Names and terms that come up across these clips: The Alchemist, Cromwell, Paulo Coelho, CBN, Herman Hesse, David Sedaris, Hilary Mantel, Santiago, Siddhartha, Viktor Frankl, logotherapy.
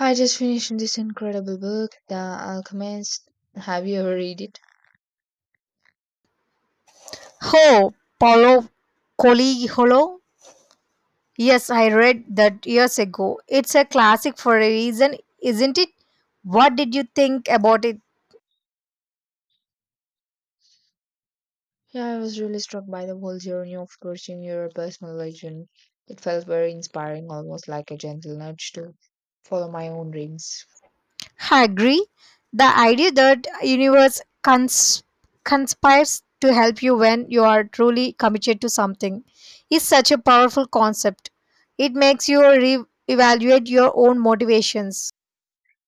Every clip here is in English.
I just finished this incredible book, The Alchemist. Have you ever read it? Oh, Paulo Coelho. Yes, I read that years ago. It's a classic for a reason, isn't it? What did you think about it? Yeah, I was really struck by the whole journey of pursuing your personal legend. It felt very inspiring, almost like a gentle nudge to follow my own dreams. I agree. The idea that conspires to help you when you are truly committed to something is such a powerful concept. It makes you re-evaluate your own motivations.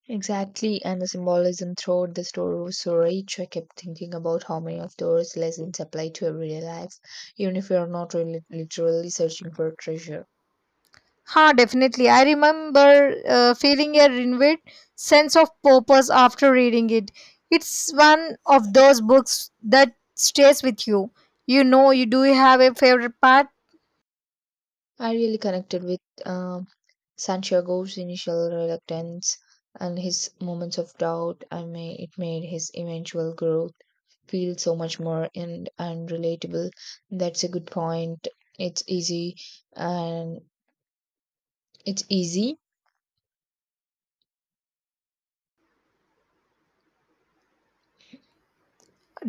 Exactly, and the symbolism throughout the story was so rich. I kept thinking about how many of those lessons apply to everyday life, even if we are not really literally searching for treasure. Ha, definitely. I remember feeling a renewed sense of purpose after reading it. It's one of those books that stays with you. You know, you have a favorite part. I really connected with um Santiago's initial reluctance and his moments of doubt, I may, it made his eventual growth feel so much more and relatable. That's a good point. It's easy and it's easy.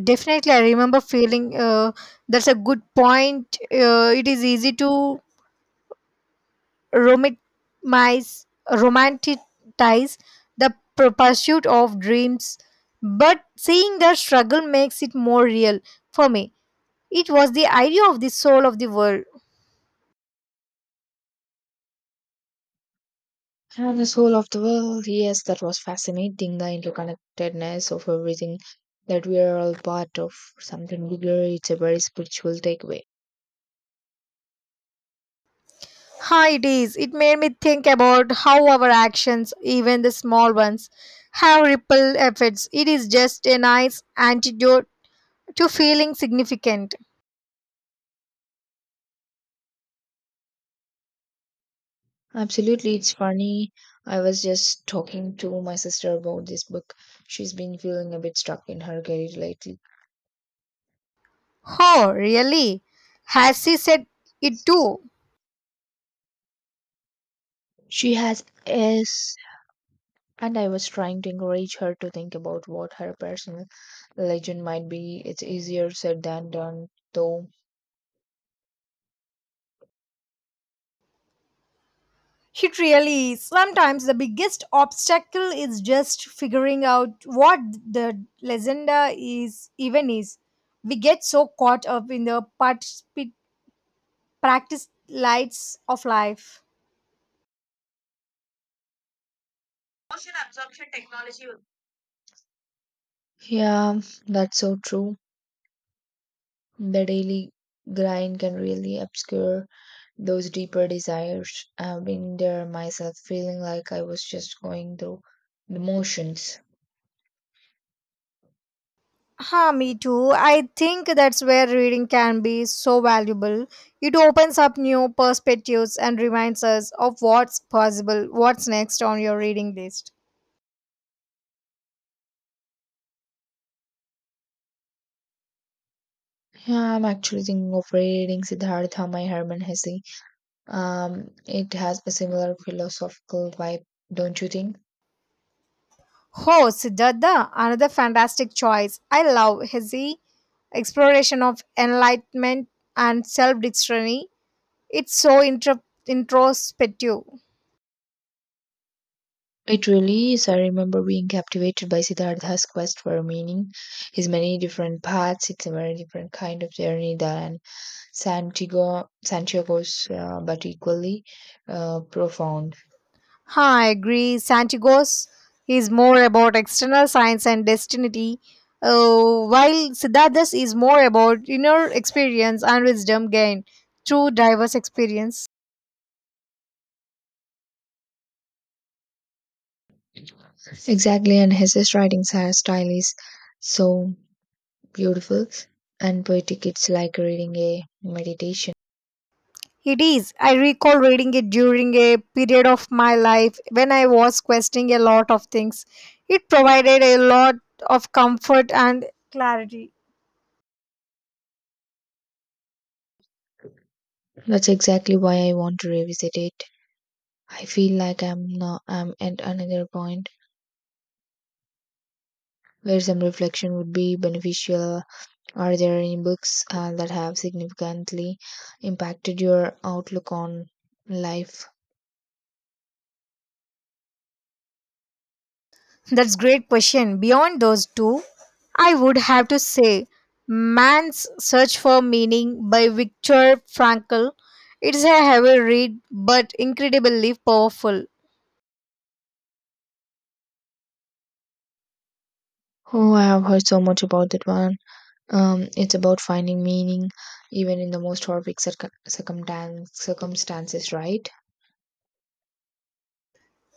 Definitely, I remember feeling that's a good point. It is easy to romanticize the pursuit of dreams, but seeing the struggle makes it more real for me. It was the idea of the soul of the world. And the soul of the world, yes, that was fascinating. The interconnectedness of everything that we are all part of something bigger. It's a very spiritual takeaway. Hi, it is. It made me think about how our actions, even the small ones, have ripple effects. It is just a nice antidote to feeling significant. Absolutely, it's funny. I was just talking to my sister about this book. She's been feeling a bit stuck in her career lately. Oh, really? Has he said it too? She has s, and I was trying to encourage her to think about what her personal legend might be. It's easier said than done though. It really is. Sometimes the biggest obstacle is just figuring out what the legenda is even is. We get so caught up in the particip. Practice lights of life. Motion absorption technology. Yeah, that's so true. The daily grind can really obscure those deeper desires. I've been there myself, feeling like I was just going through the motions. Huh, me too. I think that's where reading can be so valuable. It opens up new perspectives and reminds us of what's possible. What's next on your reading list? Yeah, I'm actually thinking of reading Siddhartha by Herman Hesse. It has a similar philosophical vibe, don't you think? Oh, Siddhartha, another fantastic choice. I love his exploration of enlightenment and self-discovery. It's so introspective. It really is. I remember being captivated by Siddhartha's quest for meaning, his many different paths. It's a very different kind of journey than Santiago's, but equally profound. Huh, I agree. Santiago's is more about external science and destiny, while Siddhartha's is more about inner experience and wisdom gained through diverse experience. Exactly, and his style is so beautiful and poetic. It's like reading a meditation. It is. I recall reading it during a period of my life when I was questioning a lot of things. It provided a lot of comfort and clarity. That's exactly why I want to revisit it. I feel like I'm at another point where some reflection would be beneficial. Are there any books that have significantly impacted your outlook on life? That's great question. Beyond those two, I would have to say Man's Search for Meaning by Viktor Frankl. It's a heavy read but incredibly powerful. Oh, I have heard so much about that one. It's about finding meaning even in the most circumstances, right?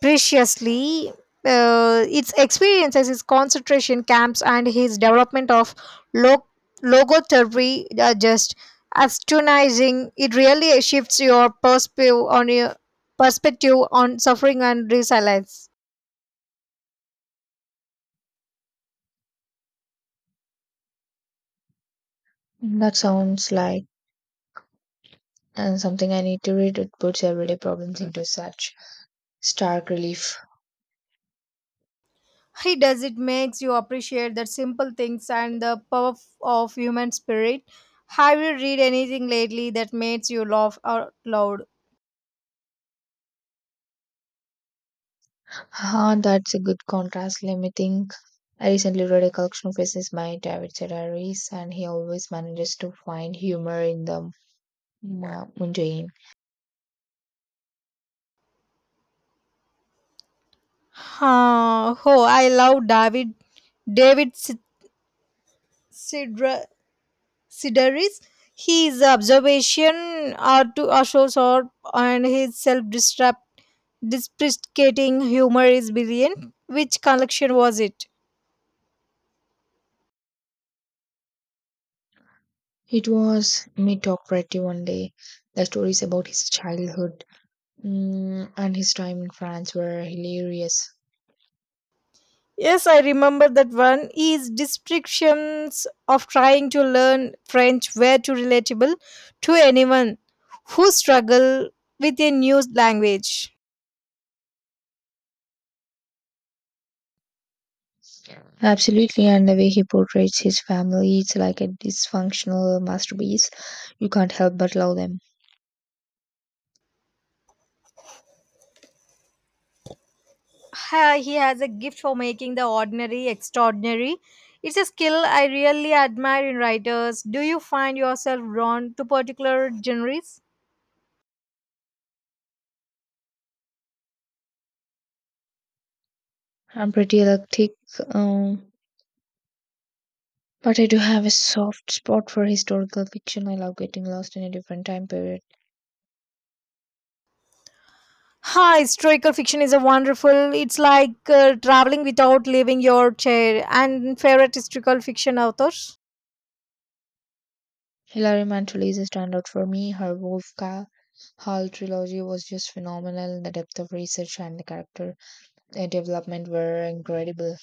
Preciously, its experiences, his concentration camps, and his development of log- logotherapy are just astonishing. It really shifts your perspective on suffering and resilience. That sounds like and something I need to read. It puts everyday problems into such stark relief. He does. It makes you appreciate the simple things and the power of human spirit. Have you read anything lately that makes you laugh out loud? Ah, that's a good contrast. Limiting. I recently read a collection of essays by David Sedaris, and he always manages to find humor in the mundane. Huh. Oh, I love David. David Sid- Sidra- Sidaris. His observation are to are so sharp, and his self-deprecating humor is brilliant. Which collection was it? It was mediocrity one day. The stories about his childhood and his time in France were hilarious. Yes, I remember that one. Is descriptions of trying to learn French were too relatable to anyone who struggle with a new language. Absolutely, and the way he portrays his family, it's like a dysfunctional masterpiece. You can't help but love them. He has a gift for making the ordinary extraordinary. It's a skill I really admire in writers. Do you find yourself drawn to particular genres? I'm pretty eclectic. Um, But I do have a soft spot for historical fiction. I love getting lost in a different time period. Hi, historical fiction is a wonderful. It's like traveling without leaving your chair. And favorite historical fiction authors? Hilary Mantel is a standout for me. Her Hall trilogy was just phenomenal. The depth of research and the character development were incredible.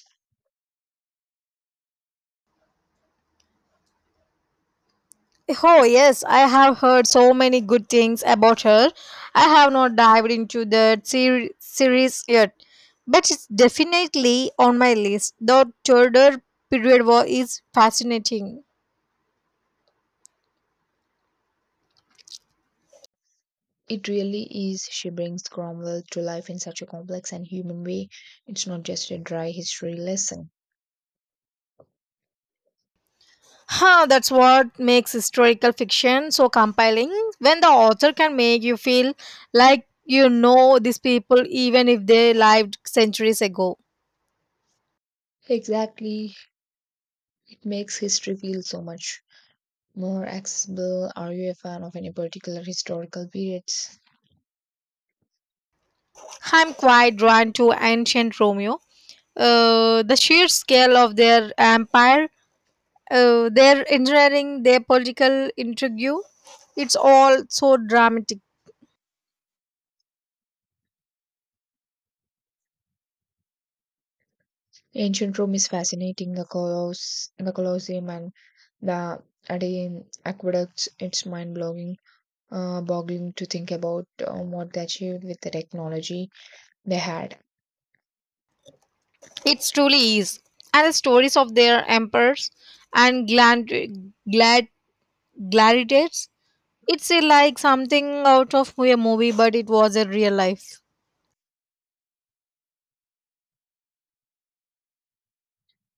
Oh, yes, I have heard so many good things about her. I have not dived into the series yet, but it's definitely on my list. The Tudor period war is fascinating. It really is. She brings Cromwell to life in such a complex and human way. It's not just a dry history lesson. Huh, that's what makes historical fiction so compelling when the author can make you feel like you know these people even if they lived centuries ago. Exactly. It makes history feel so much more accessible. Are you a fan of any particular historical periods? I'm quite drawn to ancient Romeo, the sheer scale of their empire, their engineering, their political intrigue. It's all so dramatic. Ancient Rome is fascinating. The Colosseum, and the Adrian aqueducts. It's mind-blowing, boggling to think about what they achieved with the technology they had. It truly is. And the stories of their emperors and glad, gladiators. It's a, like something out of a movie, but it was a real life.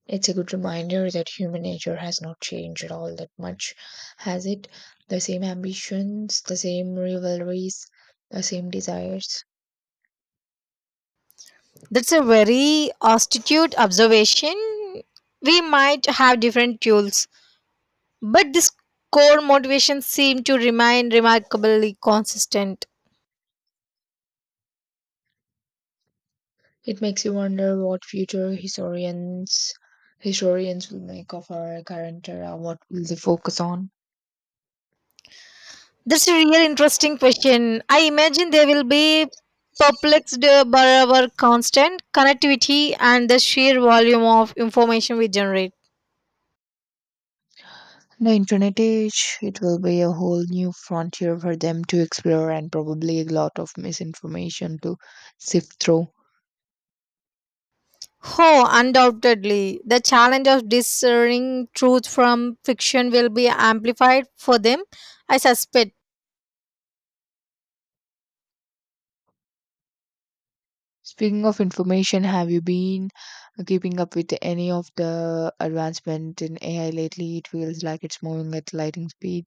It's a good reminder that human nature has not changed at all that much, has it? The same ambitions, the same rivalries, the same desires. That's a very astute observation. We might have different tools, but this core motivation seemed to remain remarkably consistent. It makes you wonder what future historians historians will make of our current era. What will they focus on? That's a real interesting question. I imagine they will be perplexed by our constant connectivity and the sheer volume of information we generate. The internet age, it will be a whole new frontier for them to explore and probably a lot of misinformation to sift through. Oh, undoubtedly, the challenge of discerning truth from fiction will be amplified for them. I suspect Speaking of information, have you been keeping up with any of the advancement in AI lately? It feels like it's moving at lightning speed.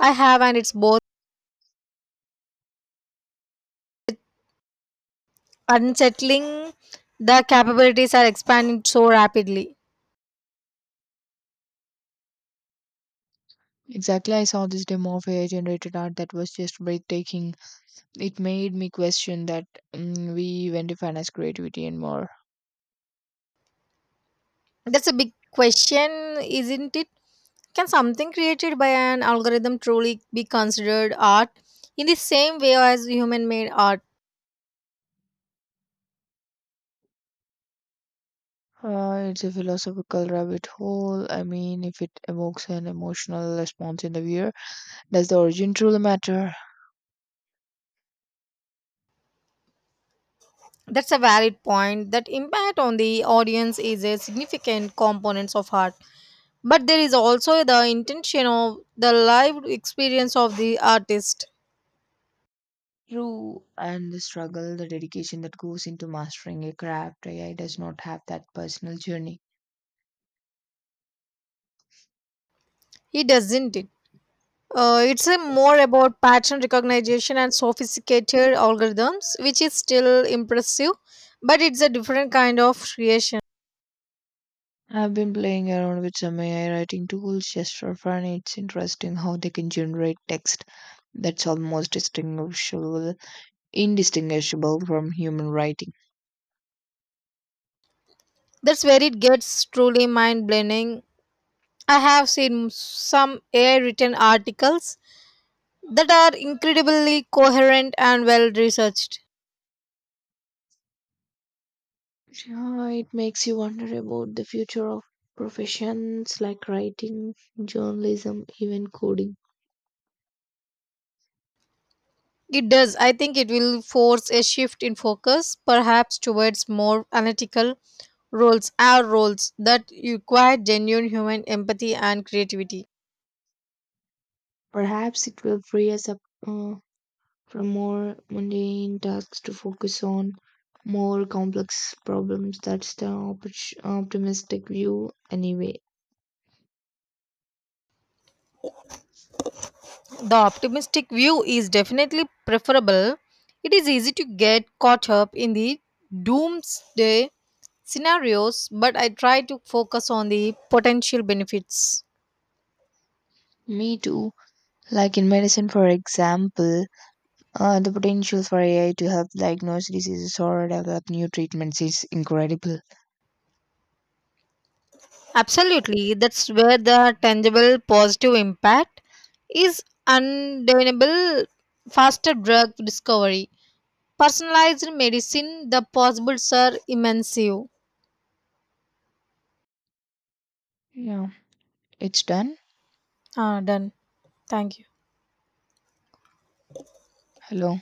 I have, and it's both unsettling. The capabilities are expanding so rapidly. Exactly, I saw this demo of AI generated art that was just breathtaking. It made me question that we even define as creativity and more. That's a big question, isn't it? Can something created by an algorithm truly be considered art in the same way as human made art? It's a philosophical rabbit hole. I mean, if it evokes an emotional response in the viewer, does the origin truly matter? That's a valid point. That impact on the audience is a significant component of art. But there is also the intention of the live experience of the artist. True, and the struggle, the dedication that goes into mastering a craft, AI does not have that personal journey. He doesn't it. It's a more about pattern recognition and sophisticated algorithms, which is still impressive, but it's a different kind of creation. I've been playing around with some AI writing tools just for fun. It's interesting how they can generate text that's almost distinguishable, indistinguishable from human writing. That's where it gets truly mind blending. I have seen some AI written articles that are incredibly coherent and well researched. Yeah, it makes you wonder about the future of professions like writing, journalism, even coding. It does. I think it will force a shift in focus, perhaps towards more analytical roles, our roles that require genuine human empathy and creativity. Perhaps it will free us up uh, from more mundane tasks to focus on more complex problems. That's the optimistic view, anyway. The optimistic view is definitely preferable. It is easy to get caught up in the doomsday scenarios, but I try to focus on the potential benefits. Me too. Like in medicine, for example, the potential for AI to help diagnose diseases or develop new treatments is incredible. Absolutely, that's where the tangible positive impact is undeniable. Faster drug discovery, personalized medicine, the possibles are immense. Yeah, it's done. Ah, done. Thank you. Hello.